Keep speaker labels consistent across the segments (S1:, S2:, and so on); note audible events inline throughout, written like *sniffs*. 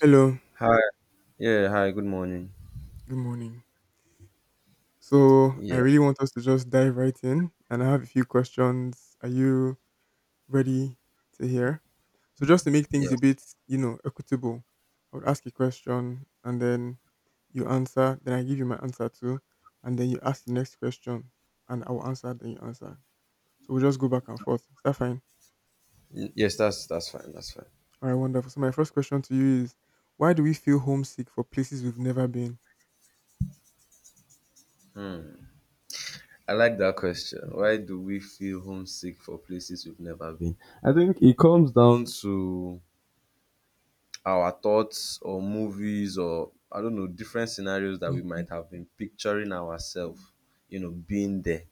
S1: Hello,
S2: Hi. Good morning.
S1: good morning. So, I
S2: Yeah,
S1: really want us to just dive right in, and I have a few questions. Are you ready to hear? So, just to make things
S2: yes.
S1: a bit, equitable, I would ask a question, and then you answer, then I give you my answer too, and then you ask the next question, and I will answer, then you answer. So, we'll just go back and forth. Is that fine?
S2: Yes, that's fine, that's fine.
S1: All right, wonderful. So, my first question to you is why do we feel homesick for places we've never been?
S2: I like that question. Why do we feel homesick for places we've never been? I think it comes down to our thoughts or movies, or I don't know, different scenarios that we
S1: Hmm.
S2: might have been picturing ourselves, you know, being there.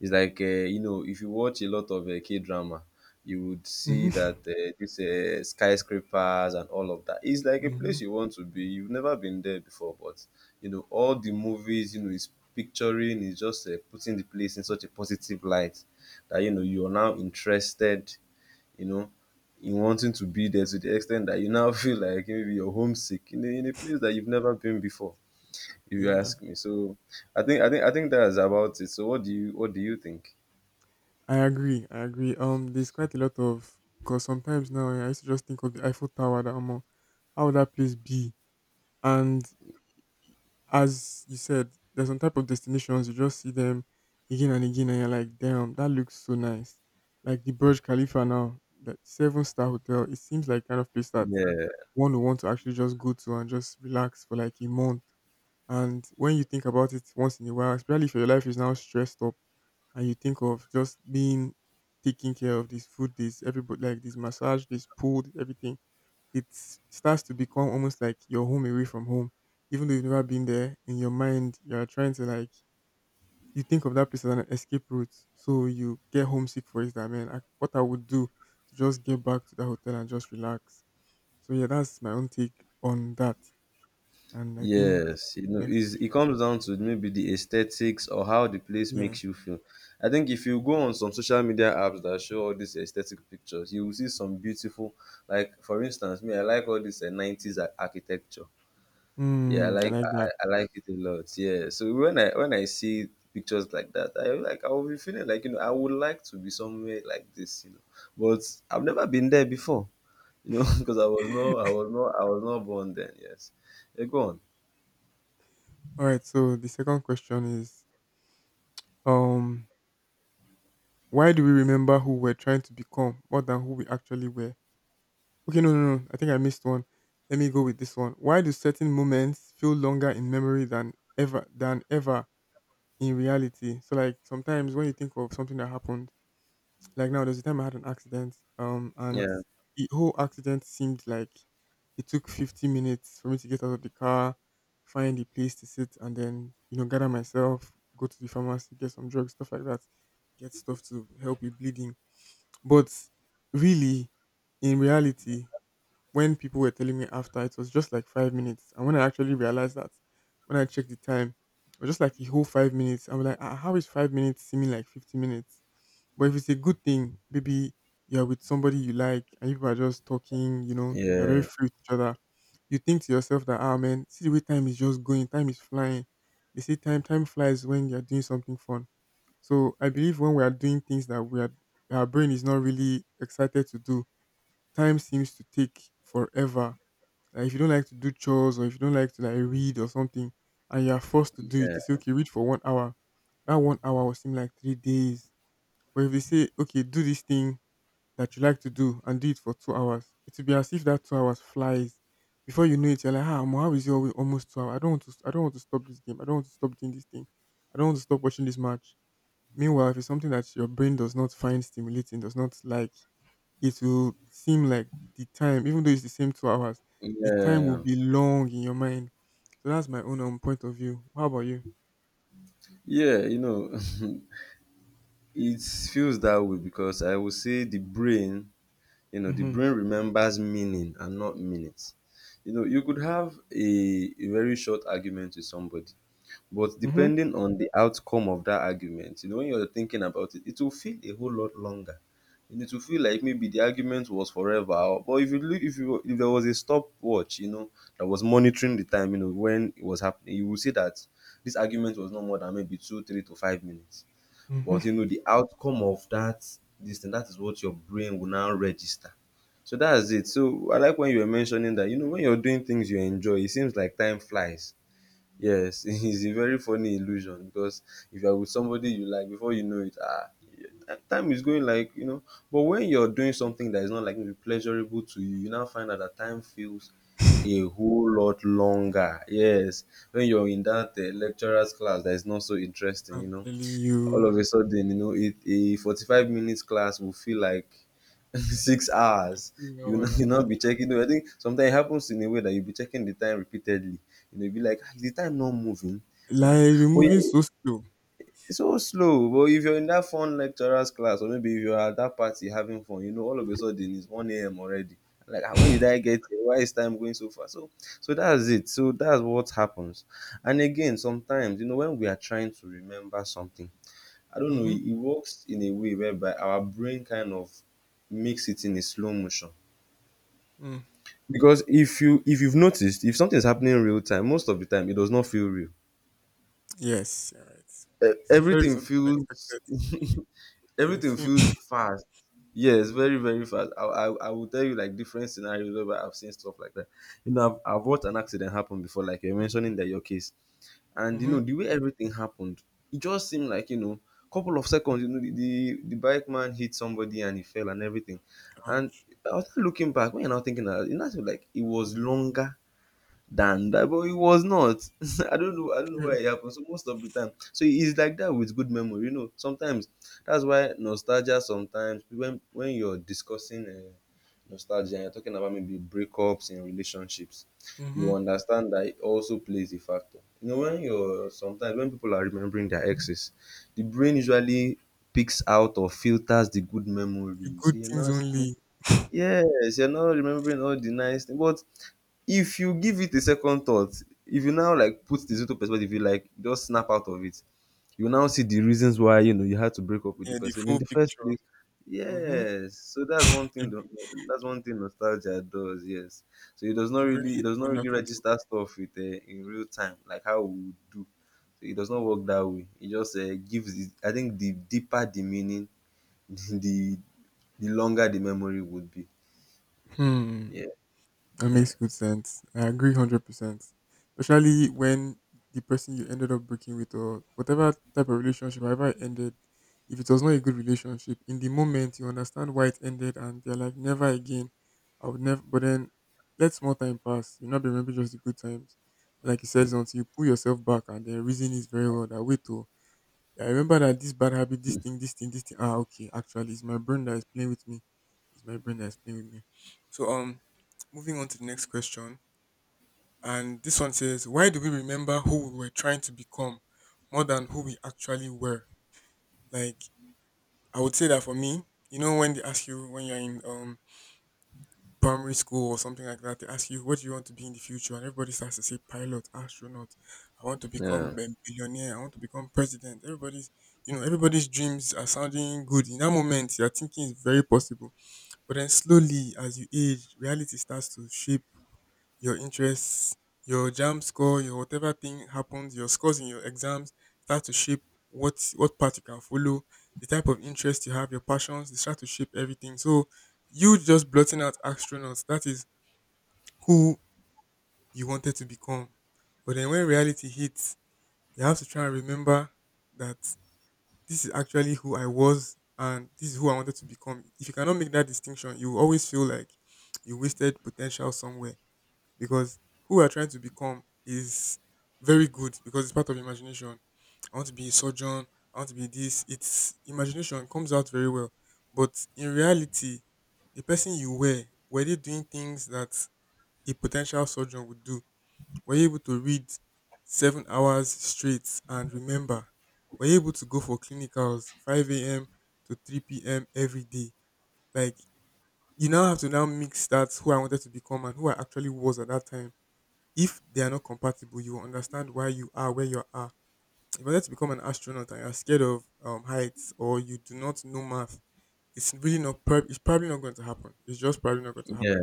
S2: It's like you know, if you watch a lot of K drama, you would see
S1: Hmm.
S2: that this skyscrapers and all of that. It's like a
S1: Hmm.
S2: place you want to be. You've never been there before, but you know, all the movies, you know, is picturing is just putting the place in such a positive light that you know you are now interested. You know, in wanting to be there, to the extent that you now *laughs* feel like maybe you're homesick in a place that you've never been before.
S1: *laughs*
S2: If you
S1: Yeah.
S2: ask me. So I think that's about it. So what do you think?
S1: I agree. I agree. There's quite a lot of because sometimes now I used to just think of the Eiffel Tower that I'm on. How would that place be? And as you said, there's some type of destinations you just see them again and again, and you're like, damn, that looks so nice. Like the Burj Khalifa now, that seven-star hotel. It seems like kind of place that
S2: Yeah,
S1: one would want to actually just go to and just relax for like a month. And when you think about it once in a while, especially if your life is now stressed up and you think of just being taking care of this food, this everybody like this massage, this pool, this everything, it starts to become almost like your home away from home. Even though you've never been there, in your mind you're trying to like you think of that place as an escape route. So you get homesick for it that man, what I would do to just get back to that hotel and just relax. So yeah, that's my own take on that. And I think
S2: yes, you know,
S1: next
S2: is
S1: question.
S2: it comes down to maybe the aesthetics or how the place
S1: Yeah.
S2: makes you feel. I think if you go on some social media apps that show all these aesthetic pictures, you will see some beautiful, like for instance, me, I like all this 90s architecture. Yeah,
S1: Hmm, I like that.
S2: I like it a lot. Yeah, so when I see pictures like that, I like I will be feeling like, you know, I would like to be somewhere like this, you know, but I've never been there before, you know, *laughs* because
S1: *laughs*
S2: I was not born then. Yes, yeah, go on.
S1: All right, so the second question is Um, why do we remember who we're trying to become more than who we actually were? Okay, no, no, no. I think I missed one. Let me go with this one. Why do certain moments feel longer in memory than ever in reality? So like sometimes when you think of something that happened like now, there's a time I had an accident, and
S2: Yeah,
S1: the whole accident seemed like it took 50 minutes for me to get out of the car, find a place to sit, and then gather myself, go to the pharmacy, get some drugs, stuff like that, get stuff to help with bleeding. But really, in reality, when people were telling me after, it was just like 5 minutes. And when I actually realized that, when I checked the time, it was just like a whole 5 minutes. I was like, ah, how is 5 minutes seeming like 50 minutes? But if it's a good thing, maybe you're with somebody you like and you people are just talking, you're very
S2: yeah,
S1: free with each other. You think to yourself that, ah, man, see the way time is just going, time is flying. They say time flies when you're doing something fun. So I believe when we are doing things our brain is not really excited to do, time seems to take forever. Like if you don't like to do chores or if you don't like to like read or something and you are forced to do it, they say,
S2: yeah,
S1: okay, read for 1 hour. That 1 hour will seem like 3 days. But if they say, okay, do this thing that you like to do and do it for 2 hours, it will be as if that 2 hours flies. Before you know it, you're like, ah, Omo, how is it almost 2 hours? I don't want to stop this game. I don't want to stop doing this thing. I don't want to stop watching this match. Meanwhile, if it's something that your brain does not find stimulating, does not like, it will seem like the time, even though it's the same 2 hours, the time will
S2: yeah,
S1: be long in your mind. So that's my own point of view. How about you?
S2: yeah. You know, *laughs* it feels that way because I would say the brain, you know, the
S1: Mhm.
S2: brain remembers meaning and not minutes. You know, you could have a very short argument with somebody. But
S1: Mhm.
S2: depending on the outcome of that argument, you know, when you're thinking about it, it will feel a whole lot longer. And it will feel like maybe the argument was forever. But if you look, if you if there was a stopwatch, you know, that was monitoring the time, you know, when it was happening, you will see that this argument was no more than maybe two, 3 to 5 minutes.
S1: Mhm.
S2: But you know, the outcome of that this thing, that is what your brain will now register. So that's it. So I like when you were mentioning that, you know, when you're doing things you enjoy, it seems like time flies. Yes, *laughs* it's a very funny illusion because if you're with somebody you like, before you know it, ah, time is going like, you know. But when you're doing something that is not like maybe pleasurable to you, you now find out that time feels a
S1: *laughs*
S2: whole lot longer. Yes, when you're in that lecturer's class that is not so interesting, you
S1: I'm
S2: know,
S1: telling
S2: all of
S1: you,
S2: a sudden, you know, a 45 minutes class will feel like *laughs* 6 hours.
S1: three
S2: You know,
S1: hours. I'm
S2: you not
S1: telling
S2: be checking. I think sometimes it happens in a way that you'll be checking the time repeatedly. You know, you'll be like, "Ah, is the time not moving?
S1: you, like
S2: Yeah.
S1: we're
S2: But
S1: moving so slow.
S2: it's so slow. But if you're in that fun lecturer's class, or maybe if you're at that party having fun, you know, all of a sudden it's 1 a.m. already. Like, "Ah, when did I
S1: *laughs*
S2: get here? Why is time going so fast?" So, so that's it. So that's what happens. And again, sometimes, you know, when we are trying to remember something, I don't know,
S1: Mm-hmm.
S2: it works in a way whereby our brain kind of makes it in a slow motion.
S1: Mm.
S2: Because if you've noticed, if something is happening in real time, most of the time it does not feel real.
S1: Yes, you're right. Especially if it's
S2: Everything
S1: something
S2: feels
S1: unexpected,
S2: *laughs*
S1: like
S2: everything
S1: film.
S2: feels
S1: *laughs*
S2: fast. Yes,
S1: Mm-hmm.
S2: very very fast. I will tell you like different scenarios where I've seen stuff like that. You know, I've watched an accident happen before, like you're mentioning that your case. And you know
S1: Mm-hmm.
S2: the way everything happened, it just seemed like, you know, couple of seconds. You know, the bike man hit somebody and he fell and everything. And
S1: Ouch.
S2: I was looking back. When you're now thinking that, it's not like it was longer than that. But it was not. *laughs* I don't know. I don't know why it
S1: *laughs*
S2: happened. So most of the time, so it's like that with good memory. You know, sometimes that's why nostalgia. Sometimes when you're discussing nostalgia, and you're talking about maybe breakups in relationships. You
S1: Mm-hmm.
S2: understand that it also plays a factor. You know, when you're sometimes when people are remembering their exes, the brain usually picks out or filters the good
S1: The
S2: memories.
S1: good
S2: So you're
S1: things
S2: not.
S1: only.
S2: Yes, you're not remembering all the nice things, but if you give it a second thought, if you now like put things into perspective, you like just snap out of it, you now see the reasons why, you know, you had to break up with the
S1: Yeah, the
S2: person in
S1: full
S2: the first
S1: picture.
S2: place.
S1: Mm-hmm.
S2: Yes, so that's one
S1: The,
S2: that's one thing nostalgia does. Yes, so it does not
S1: the brain
S2: really,
S1: is
S2: it does not really
S1: wonderful.
S2: register stuff with in real time like how we would do. So it does not work that way. It just gives it, I think the deeper the meaning *laughs* the the longer the memory would be.
S1: Hmm.
S2: Yeah,
S1: That
S2: yeah,
S1: makes good sense. I agree 100%. Especially when the person you ended up breaking with or whatever type of relationship, however it ended, if it was not a good relationship, in the moment you understand why it ended and they're like, never again. I would never, but then let small time pass. You'll not be remember just the good times. Like you said, it's until you pull yourself back and the reason is very well that wait to I remember that this bad habit, this thing, this thing, this thing. Ah, okay. Actually, it's my brain that is playing with me. It's my brain that is playing with me. So, moving on to the next question, and this one says, "Why do we remember who we were trying to become more than who we actually were?" Like, I would say that for me, when they ask you when you're in primary school or something like that, they ask you, what do you want to be in the future? And everybody starts to say pilot, astronaut. I want to
S2: yeah,
S1: become a billionaire. I want to become president. Everybody's dreams are sounding good. In that moment, you're thinking it's very possible. But then slowly, as you age, reality starts to shape your interests, your jam score, your whatever thing happens, your scores in your exams start to shape what path you can follow, the type of interest you have, your passions, they start to shape everything. So you just blotting out astronauts, that is who you wanted to become. But then when reality hits, you have to try and remember that this is actually who I was and this is who I wanted to become. If you cannot make that distinction, you will always feel like you wasted potential somewhere because who you are trying to become is very good because it's part of imagination. I want to be a surgeon, I want to be this. It's imagination comes out very well. But in reality, the person you were they doing things that a potential surgeon would do? Were you able to read 7 hours straight and remember? Were you able to go for clinicals 5 a.m. to 3 p.m. every day? Like, you now have to now mix that who I wanted to become and who I actually was at that time. If they are not compatible, you will understand why you are where you are. If you wanted to become an astronaut and you're scared of heights or you do not know math, it's really not, it's probably not going to happen. It's just probably not going to happen.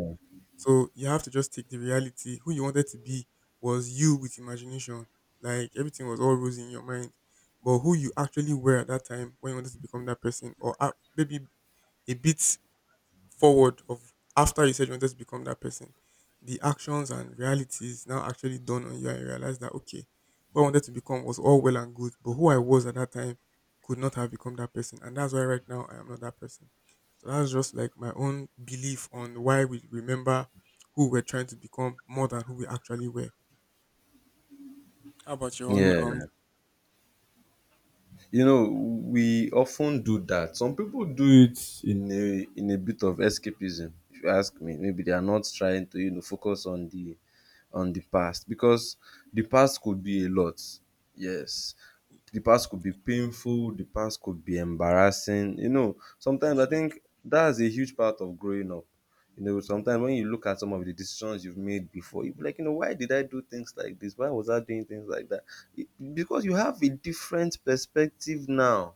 S1: So you have to just take the reality. Who you wanted to be was you with imagination. Like everything was all rosy in your mind. But who you actually were at that time when you wanted to become that person, or maybe a bit forward of after you said you wanted to become that person, the actions and realities now actually dawn on you and you realize that okay, who I wanted to become was all well and good, but who I was at that time could not have become that person. And that's why right now I am not that person. So that's just like my own belief on why we remember who we're trying to become more than who we actually were. How about your own
S2: yeah, yeah, you know, we often do that. Some people do it in a, in a bit of escapism, if you ask me. Maybe they are not trying to, you know, focus on the, on the past, because the past could be a lot. Yes, the past could be painful, the past could be embarrassing. You know,
S1: I
S2: sometimes I
S1: swear,
S2: think that's a huge part of growing up. You know, sometimes when you look at some of the decisions you've made before, you'll be like, you know, why did I do things like this? Why was I doing things like that? Because you have a different perspective now.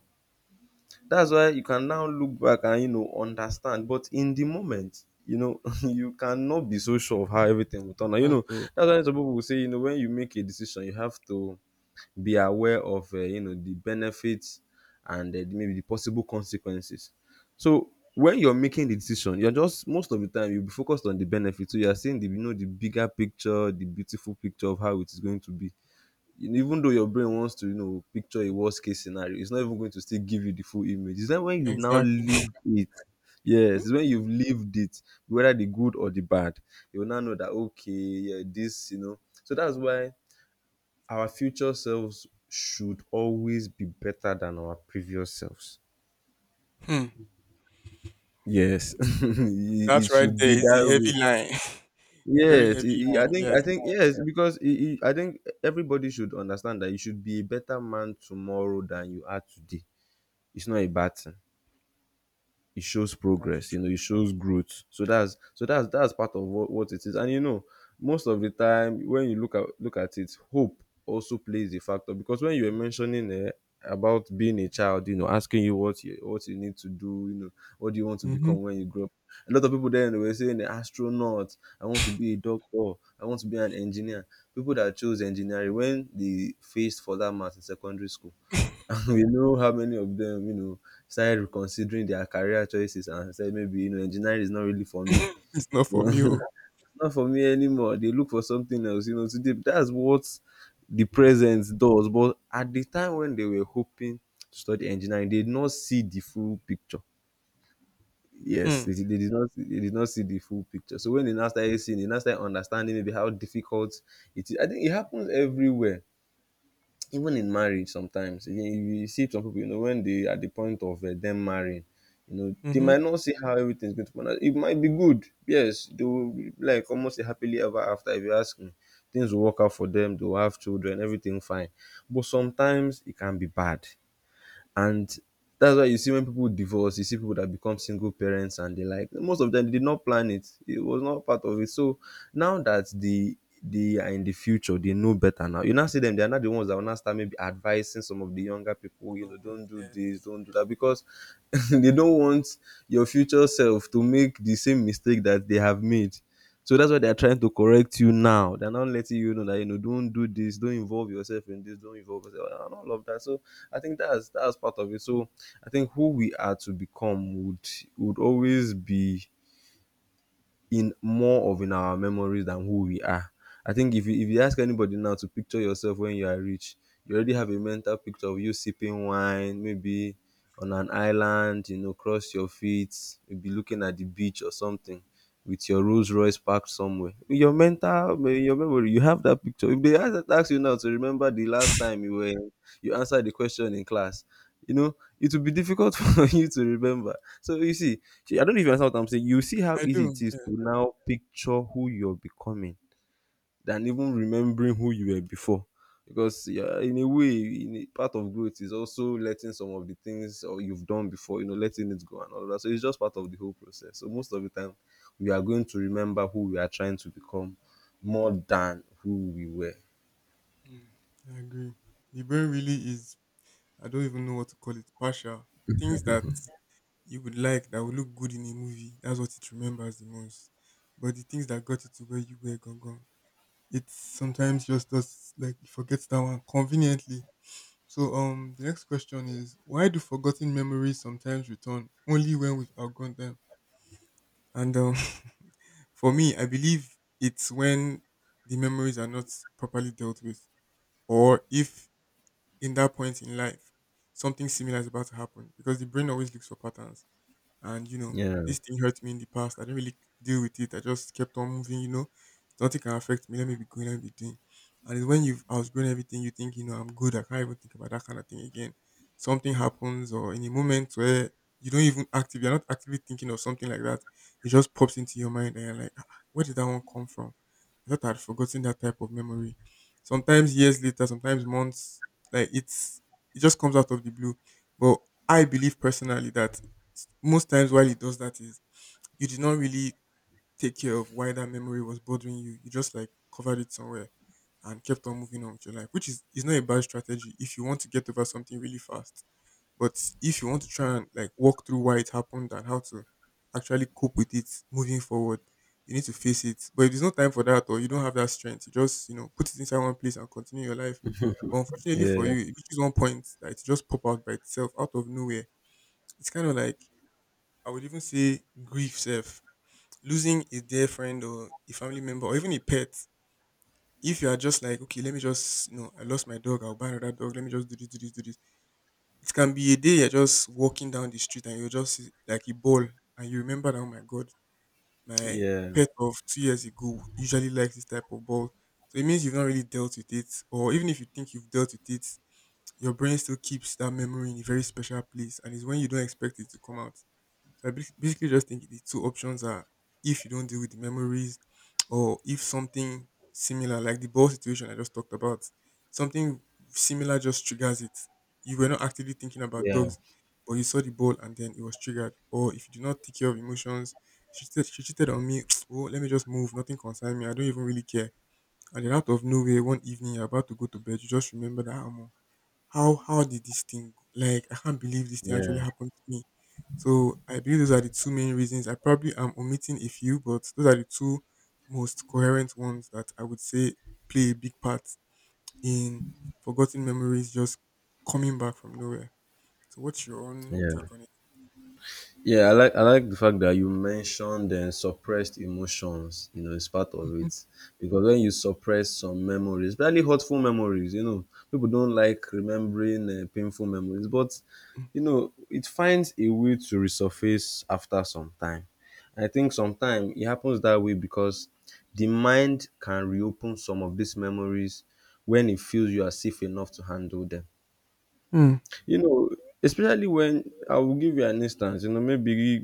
S2: That's why you can now look back and you know understand. But in the moment, you know, *laughs* you cannot be so sure of how everything will turn out. You
S1: can't
S2: know,
S1: oh,
S2: that's why some people will say, you know, when you make a decision, you have to be aware of you know, the benefits and maybe the possible consequences. So when you're making the decision, you're just most of the time you'll be focused on the benefits. So you're seeing the, you know, the bigger picture, the beautiful picture of how it is going to be, even though your brain wants to, you know, picture a worst case scenario. It's not even going to still give you the full image. It's not, when you've now
S1: exactly. *laughs*
S2: lived it. Yes, it's when you've lived it, whether the good or the bad, you will now know that, okay, yeah, this, you know. So that's why our future selves should always be better than our previous selves.
S1: Hmm.
S2: Yes, *laughs* it
S1: That
S2: it
S1: right
S2: should be
S1: there is a
S2: that way.
S1: heavy line. *laughs* It's a very
S2: Yes,
S1: heavy
S2: I
S1: line,
S2: think
S1: yes,
S2: I think yes, because I think everybody should understand that you should be a better man tomorrow than you are today. It's not a bad thing. It shows
S1: that's
S2: progress, you
S1: true.
S2: know, it shows growth. So that's so that's part of what it is. And you know, most of the time when you look at it, hope also plays a factor. Because when you were mentioning about being a child, you know, asking you what you, what you need to do, you know, what do you want to
S1: Mhm.
S2: become when you grow up. A lot of people then were saying astronaut, I want to be a doctor, I want to be an engineer. People that chose engineering when they faced for that math in secondary school *laughs* we know how many of them, you know, started reconsidering their career choices and said maybe you know engineering is not really for me. *laughs*
S1: *laughs* It's not for me. Oh.
S2: It's not for me anymore. They look for something else, you know. Today, that's what the present does. But at the time when they were hoping to study engineering, they did not see the full picture. Yes,
S1: Hmm.
S2: they did not. They did not see the full picture. So when they now started seeing, they now started understanding maybe how difficult it is. I think it happens everywhere, even in marriage sometimes you see some people, you know, when they at the point of them marrying, you know, they
S1: Mm-hmm.
S2: might not see how everything's going to pan out. It might be good. Yes, they will be like almost a happily ever after, if you ask me. Things will work out for them, they'll have children, everything fine. But sometimes it can be bad. And that's why you see when people divorce, you see people that become single parents and the like. Most of them, they did not plan it, it was not part of it. So now that they are in the future, they know better. Now you now see them, they are not the ones that will now start maybe advising some of the younger people, you
S1: Oh,
S2: know, don't do this,
S1: yes.
S2: don't do that. Because *laughs* they don't want your future self to make the same mistake that they have made. So that's why they are trying to correct you now. They're not letting you know that, you know, don't do this, don't involve yourself in this, don't involve yourself and all of that. So I think that's part of it. So I think who we are to become would always be in more of in our memories than who we are. I think if you
S1: Hmm.
S2: if you ask anybody now to picture yourself when you are rich, you already have a mental picture of you sipping wine, maybe on an island, you know, cross your feet, maybe looking at the beach or something with your Rolls Royce parked somewhere. In your mental, in your memory, you have that picture. If they ask you now to remember the last time you were you answered the question in class, you know, it will be difficult *laughs* for you to remember. So you see, I don't even understand what I'm saying. You see how
S1: I
S2: easy
S1: do.
S2: it is
S1: Yeah.
S2: to now picture who you're becoming than even remembering who you were before. Because yeah, in a way, in a, part of growth is also letting some of the things or you've done before, you know, letting it go and all that. So it's just part of the whole process. So most of the time, we are going to remember who we are trying to become more than who we were.
S1: Mm, I agree. The brain really is, I don't even know what to call it, partial. Things that you would like that would look good in a movie, that's what it remembers the most. But the things that got you to where you were gone, gone. It sometimes just does like it forgets that one conveniently. So the next question is why do forgotten memories sometimes return only when we've outgrown them? And *laughs* for me, I believe it's when the memories are not properly dealt with, or if in that point in life something similar is about to happen, because the brain always looks for patterns and
S2: Yeah,
S1: this thing hurt me in the past. I didn't really deal with it. I just kept on moving. Nothing can affect me. Let me be going. Let me be doing. And it's when you've outgrown everything, you think I'm good. I can't even think about that kind of thing again. Something happens, or in a moment where you're not actively thinking of something like that. It just pops into your mind, and you're like, "Ah, where did that one come from? I thought I'd forgotten that type of memory. Sometimes years later, sometimes months, like it's it just comes out of the blue. But I believe personally that most times while it does that is you did not really take care of why that memory was bothering you. You just like covered it somewhere and kept on moving on with your life, which is not a bad strategy if you want to get over something really fast. But if you want to try and like walk through why it happened and how to actually cope with it moving forward, you need to face it. But if there's no time for that or you don't have that strength, you just, put it inside one place and continue your life. But unfortunately for
S2: yeah,
S1: you, it reaches one point that it just pop out by itself out of nowhere. It's kind of like I would even say grief self. Losing a dear friend or a family member or even a pet. If you are just like, okay, let me just, I lost my dog, I'll buy another dog, let me just do this, do this, do this. It can be a day you're just walking down the street and you're just like a ball and you remember that, oh my God, my
S2: yeah,
S1: pet of 2 years ago usually likes this type of ball. So it means you've not really dealt with it. Or even if you think you've dealt with it, your brain still keeps that memory in a very special place and it's when you don't expect it to come out. So I basically just think the two options are if you don't deal with the memories or if something similar, like the ball situation I just talked about, something similar just triggers it. You were not actively thinking about
S2: yeah,
S1: dogs, but you saw the ball and then it was triggered. Or if you do not take care of emotions, she cheated on me. *sniffs* *tsk* Oh, let me just move. Nothing concerns me. I don't even really care. And then out of nowhere, one evening you're about to go to bed, you just remember that I how did this thing go? Like I can't believe this thing actually
S2: yeah,
S1: happened to me. So I believe those are the two main reasons. I probably am omitting a few, but those are the two most coherent ones that I would say play a big part in forgotten memories just coming back from nowhere. So what's your own
S2: yeah.
S1: take on it?
S2: Yeah, I like the fact that you mentioned suppressed emotions. You know, it's part of
S1: Mhm.
S2: it because when you suppress some memories, especially hurtful memories, you know, people don't like remembering painful memories, but you know, it finds a way to resurface after some time. I think sometimes it happens that way because the mind can reopen some of these memories when it feels you are safe enough to handle them.
S1: Mhm.
S2: You know, especially when I will give you an instance, you know, maybe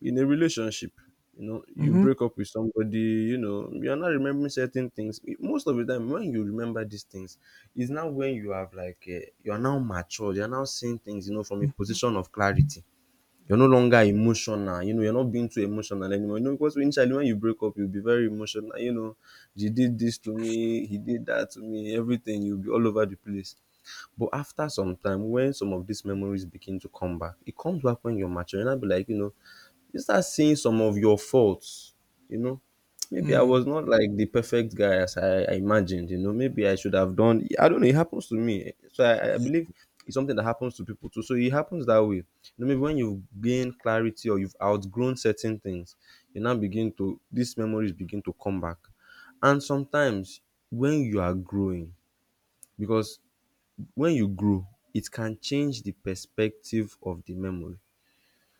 S2: in a relationship, you know, you
S1: Mhm.
S2: break up with somebody, you know, you're not remembering certain things. Most of the time when you remember these things is now when you have like you're now mature, you're now seeing things, you know, from a
S1: Mhm.
S2: position of clarity. You're no
S1: Mhm.
S2: longer emotional, you know, you're not being too emotional anymore, you know, because initially when you break up you'll be very emotional. You know, she did this to me, he did that to me, everything. You'll be all over the place. But after some time, when some of these memories begin to come back, it comes back when you're mature, and I'll be like, you know, you start seeing some of your faults. You know, maybe i
S1: Mhm.
S2: was not like the perfect guy as I imagined. You know, maybe I should have done, I don't know, it happens to me. So I
S1: Yeah.
S2: believe it's something that happens to people too, so it happens that way. You know, maybe when you've gained clarity or you've outgrown certain things, you now begin to these memories begin to come back. And sometimes when you are growing, because when you grow it can change the perspective of the memory,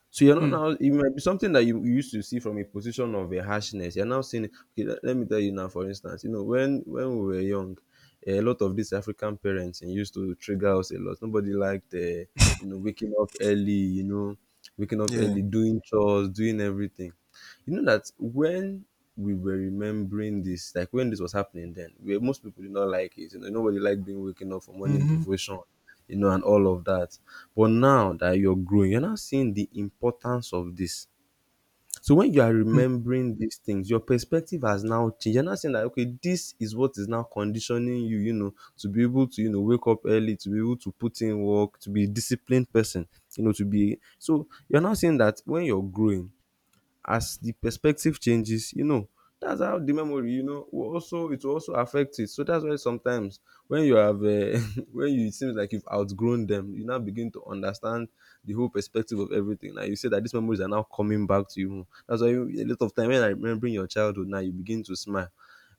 S2: so you're not
S1: Mhm.
S2: now. It might be something that you used to see from a position of a harshness. You're now seeing it. Okay, let me tell you now. For instance, you know, when we were young, a lot of these African parents used to trigger us a lot. Nobody liked, you know, waking up early. You know, waking up
S1: Yeah.
S2: early, doing chores, doing everything. You know that when we were remembering this, like when this was happening then, where most people did not like it. You know, nobody liked being waking up for morning
S1: Mhm.
S2: devotion, you know, and all of that. But now that you're growing, you're now seeing the importance of this. So when you are
S1: Mhm.
S2: remembering these things, your perspective has now changed. You're not saying that okay, this is what is now conditioning you, you know, to be able to, you know, wake up early, to be able to put in work, to be a disciplined person, you know, to be so you're not saying that when you're growing, as the perspective changes, you know, that's how the memory, you know, will also it will also affect it. So that's why sometimes when you have *laughs* when you it seems like you've outgrown them, you now begin to understand the whole perspective of everything. Like you say that these memories are now coming back to you. That's why you, a lot of time when I remembering your childhood now, you begin to smile.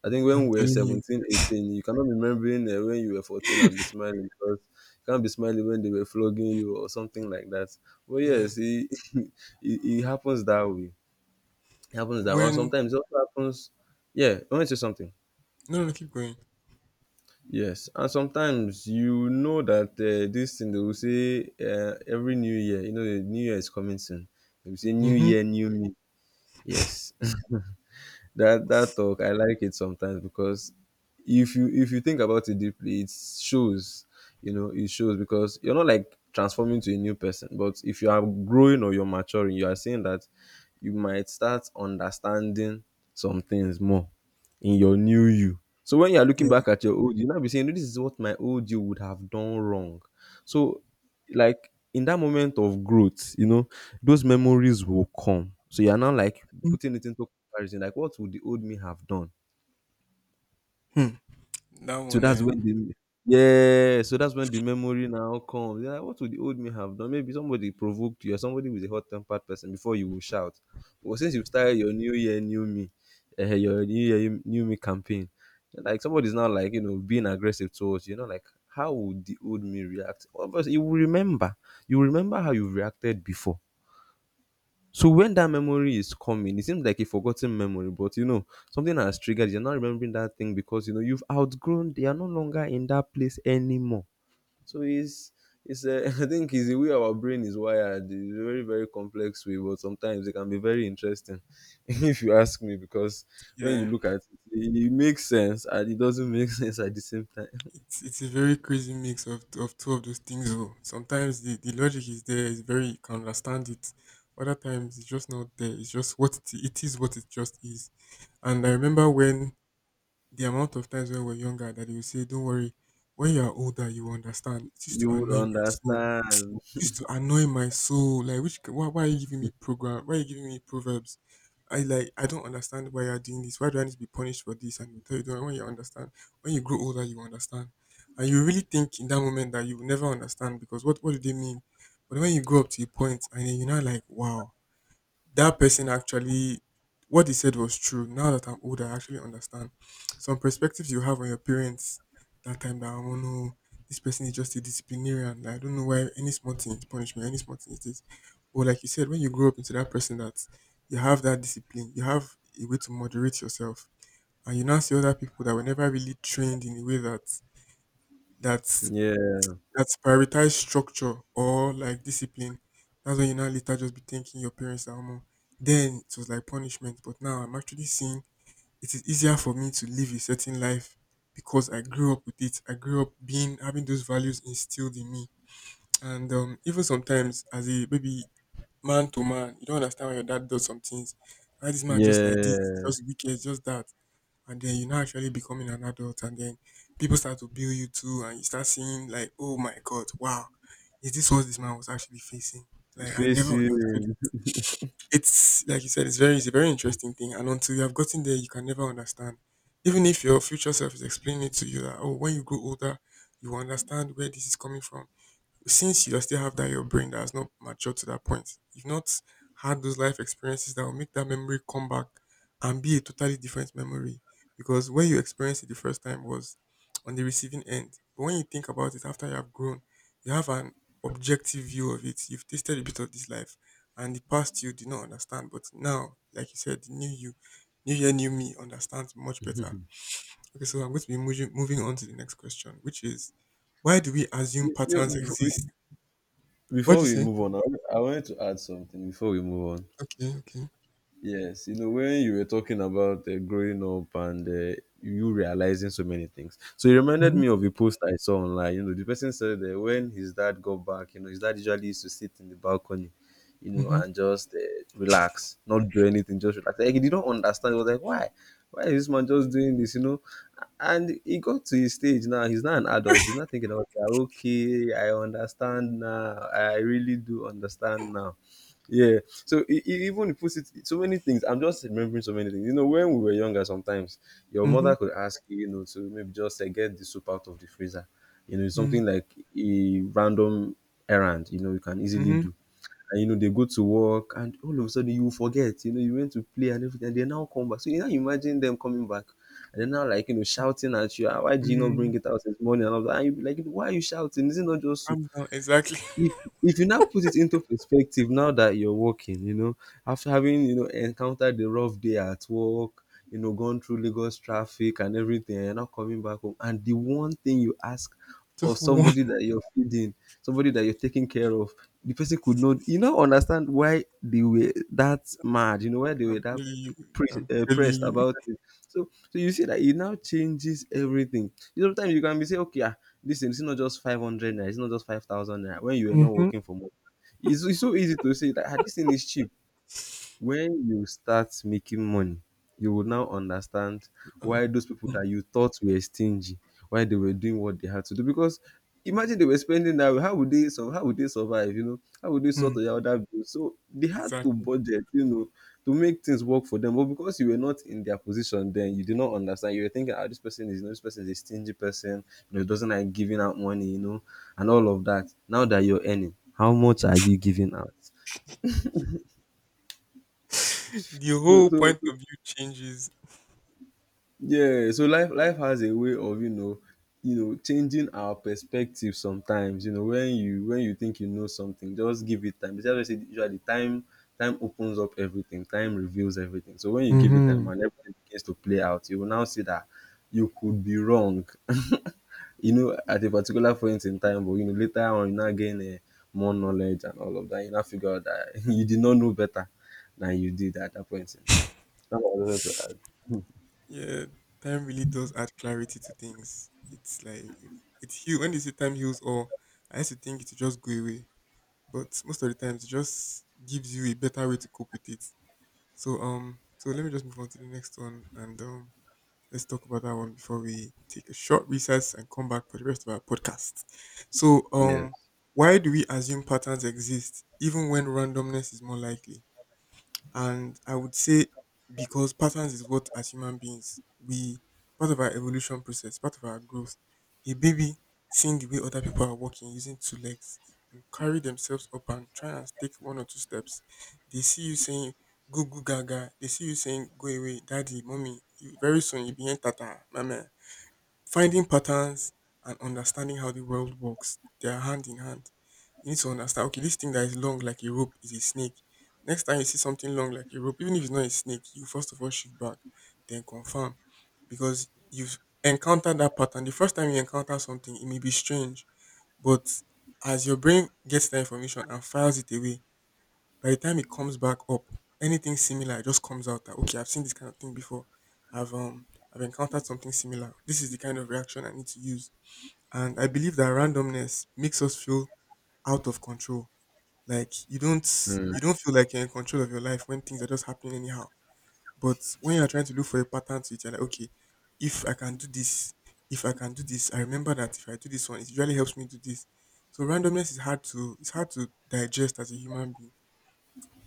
S2: I think when
S1: I'm
S2: we were
S1: telling you.
S2: 17, 18, you cannot be remembering when you were 14 and be smiling, because you can't be smiling when they were flogging you or something like that. But
S1: Yeah.
S2: yes, it, *laughs* it happens that way. It happens that, and
S1: When
S2: sometimes it also happens. Yeah, I want to say something.
S1: No, no, no, keep going.
S2: Yes, and sometimes you know that this thing they will say, every new year, you know, the new year is coming soon. They will say new
S1: Mhm.
S2: year, new me. Yes, that talk I like it sometimes, because if you think about it deeply, it shows, you know, it shows, because you're not like transforming to a new person, but if you are growing or you're maturing, you are seeing that you might start understanding some things more in your new you. So when you are looking
S1: Yeah.
S2: back at your old you, now be saying, "No, this is what my old you would have done wrong." So, like, in that moment of growth, you know, those memories will come, so you are now like putting it into comparison, like what would the old me have done?
S1: Mhm. That
S2: So
S1: one,
S2: that's when the yeah, so that's when the memory now comes. Yeah, what would the old me have done? Maybe somebody provoked you, or somebody was a hot tempered person, before you will shout. But since you started your new year, new me, your new year, new me campaign, like somebody's now like, you know, being aggressive towards you, you know, like how would the old me react? Obviously, you will remember how you reacted before. So when that memory is coming, it seems like a forgotten memory, but you know, something has triggered. You're not remembering that thing because you know you've outgrown. They are no longer in that place anymore. So it's *laughs* I think it's the way our brain is wired. It's a very complex way, but sometimes it can be very interesting, *laughs* if you ask me. Because when you
S1: yeah,
S2: look at it, it makes sense and it doesn't make *laughs* sense at the same time.
S1: it's a very crazy mix of two of those things. Though sometimes the logic is there, it's very you can understand it. Other times it's just not there. It's just what it is, what it just is. And I remember when the amount of times when we were younger that they would say, "Don't worry, when you are older, you will understand." It used
S2: You
S1: to
S2: would
S1: annoy my soul.
S2: understand.
S1: It used to annoy my soul. Like, which why are you giving me program? Why are you giving me proverbs? I, like, I don't understand why you're doing this. Why do I need to be punished for this? And you tell you, "Don't, when you understand. When you grow older you will understand." And you really think in that moment that you will never understand because what do they mean? But when you grow up to a point and then you're not like, wow, that person actually, what they said was true. Now that I'm older, I actually understand some perspectives you have on your parents that time. That, oh no, this person is just a disciplinarian. Like, I don't know why any small thing is punishment, any small thing is this. But like you said, when you grow up into that person, that you have that discipline, you have a way to moderate yourself, and you now see other people that were never really trained in a way that that
S2: Yeah.
S1: that's prioritize structure or like discipline. That's when you now later just be thinking your parents are more. Then it was like punishment, but now I'm actually seeing it is easier for me to live a certain life because I grew up with it. I grew up being having those values instilled in me, and even sometimes as a baby man to man, you don't understand why your dad does some things. Why this man just like this,
S2: Yeah,
S1: just wicked, just that, and then you now actually becoming an adult and then people start to bill you too and you start seeing like, oh my god, wow, is this what this man was actually facing? Like I never
S2: faces.
S1: understood. It's like you said, it's a very interesting thing and until you have gotten there you can never understand. Even if your future self is explaining it to you that, oh, when you grow older you will understand where this is coming from, since you still have that in your brain that has not matured to that point, you've not had those life experiences that will make that memory come back and be a totally different memory. Because when you experienced it the first time was on the receiving end. But when you think about it after you have grown, you have an objective view of it. You've tasted a bit of this life and the past you did not understand. But now, like you said, the new you, new year, new me understands much better. Okay, so I'm going to be moving on to the next question, which is, why do we assume
S2: *laughs*
S1: patterns
S2: You-
S1: exist? What'd
S2: before
S1: you
S2: we
S1: say?
S2: move on, I wanted to add something before we move on.
S1: Okay, okay.
S2: Yes, you know, when you were talking about growing up and you realizing so many things. So it reminded
S1: Mhm,
S2: me of a post I saw online. You know, the person said that when his dad got back, you know, his dad usually used to sit in the balcony, you know,
S1: mhm,
S2: and just relax, not do anything, just relax. Like, he didn't understand. He was like, why? Why is this man just doing this, you know? And he got to his stage now. He's not an adult. He's not thinking about, "Yeah, okay, I understand now. I really do understand now, yeah." So even it puts it so many things. I'm just remembering so many things. You know, when we were younger, sometimes your
S1: mhm,
S2: mother could ask you, you know, to maybe just say, get the soup out of the freezer. You know, it's
S1: mm,
S2: something like a random errand. You know, you can easily
S1: mhm,
S2: do. And you know, they go to work, and all of a sudden you forget. You know, you went to play and everything. And they now come back. So you now imagine them coming back, and they're now like, you know, shouting at you. "Ah, why did you not
S1: mm.
S2: bring it out this morning?" And all that. And you be like, "Why are you shouting? Is it not just soup?"
S1: Calm down. Exactly.
S2: if
S1: *laughs*
S2: if you now put it into perspective, now that you're working, you know, after having, you know, encountered the rough day at work, you know, gone through Lagos traffic and everything, and you're now coming back home, and the one thing you ask of
S1: Just one.
S2: somebody that you're feeding, somebody that you're taking care of, the person could not, you know, understand why they were that mad, you know, why they were
S1: I'm
S2: that
S1: telling you. I'm telling
S2: pressed
S1: you.
S2: about it. So you see that it now changes everything. Sometimes you can be say, okay, ah, this is not just 500 naira, it's not just 5,000 naira. When you are not
S1: Mhm.
S2: working for more, it's so easy to say that, ah, this thing is cheap. When you start making money, you will now understand
S1: Uh,
S2: why those people
S1: mm,
S2: that you thought were stingy, why they were doing what they had to do. Because imagine they were spending that way, how would they, how would they survive? You know, how would they sort
S1: mhm.
S2: their other bills? So they had to
S1: Exactly.
S2: budget, you know, to make things work for them. But because you were not in their position, then you did not understand. You were thinking, ah, this person is, you know, this person is a stingy person. You know, doesn't like giving out money, you know, and all of that. Now that you're earning, how much are you giving out?
S1: *laughs* The whole
S2: so,
S1: point
S2: so
S1: of view changes.
S2: Yeah, so life has a way of, you know, changing our perspective sometimes. You know, when you think you know something, just give it time. That's why I say usually time opens up everything. Time reveals everything. So when you give it time
S1: Mhm.
S2: and everything begins to play out, you will now see that you could be wrong. *laughs* You know, at a particular point in time, but you know later on you now gain more knowledge and all of that. You now figure out that *laughs* you did not know better than you did at that point in time. That's what I wanted to add.
S1: Yeah, time really does add clarity to things. It's like it heals. When they say time heals all, I used to think it would just go away. But most of the times it just gives you a better way to cope with it. So, so let me just move on to the next one, and let's talk about that one before we take a short recess and come back for the rest of our podcast. So
S2: Yes.
S1: why do we assume patterns exist even when randomness is more likely? And I would say because patterns is what, as human beings, we part of our evolution process, part of our growth. A baby seeing the way other people are walking using two legs will carry themselves up and try and take one or two steps. They see you saying goo goo gaga. They see you saying go away, daddy, mommy. Very soon you be in tata, mama. Finding patterns and understanding how the world works, they are hand in hand. You need to understand, okay, this thing that is long like a rope is a snake. Next time you see something long like a rope, even if it's not a snake, you first of all shoot back, then confirm. Because you've encountered that pattern. The first time you encounter something, it may be strange, but as your brain gets the information and files it away, by the time it comes back up, anything similar just comes out that, okay, I've seen this kind of thing before. I've um I've encountered something similar. This is the kind of reaction I need to use. And I believe that randomness makes us feel out of control. Like you don't
S2: Hmm.
S1: you don't feel like you're in control of your life when things are just happening anyhow. But when you're trying to look for a pattern to it, you're like, okay, if I can do this, if I can do this, I remember that if I do this one, it really helps me do this. So randomness is hard to it's hard to digest as a human being.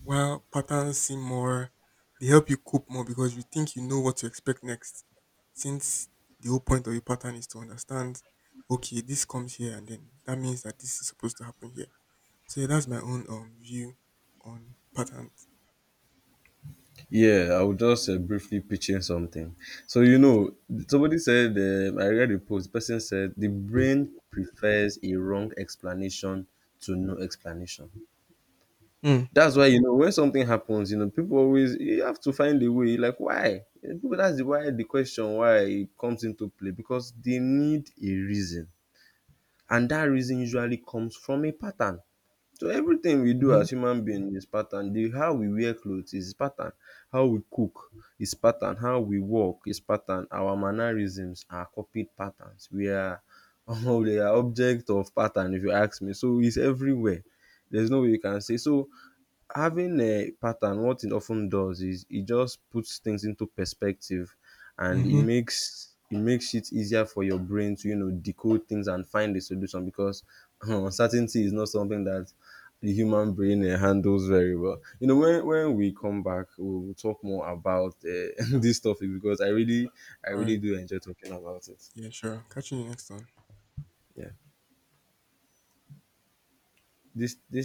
S1: While patterns seem more, they help you cope more because you think you know what to expect next. Since the whole point of a pattern is to understand, okay, this comes here, and then that means that this is supposed to happen here. So yeah, that's my own view on patterns.
S2: Yeah, I was just briefly pitching something. So, you
S1: Okay.
S2: know, somebody said, I read a post, the person said, the brain prefers a wrong explanation to no explanation.
S1: Mm.
S2: That's why, you know, when something happens, you know, people always, you have to find a way, like, why? And people, that's the why, the question why, it comes into play because they need a reason. And that reason usually comes from a pattern. So everything we do
S1: Mm-hmm.
S2: as human being is pattern. The how we wear clothes is pattern. How we cook is pattern. How we walk is pattern. Our mannerisms are copied patterns. We are *laughs* we are object of pattern if you ask me. So it's everywhere. There's no way you can say so having a pattern, what it often does is it just puts things into perspective, and it
S1: Mm-hmm.
S2: makes it makes it easier for your brain to, you know, decode things and find a solution, because *laughs* uncertainty is not something that the human brain handles very well. You know, when we come back, we will talk more about *laughs* this topic, because I really I
S1: All
S2: really
S1: right.
S2: do enjoy talking about it.
S1: Yeah, sure. Catch you in the next one.
S2: Yeah, this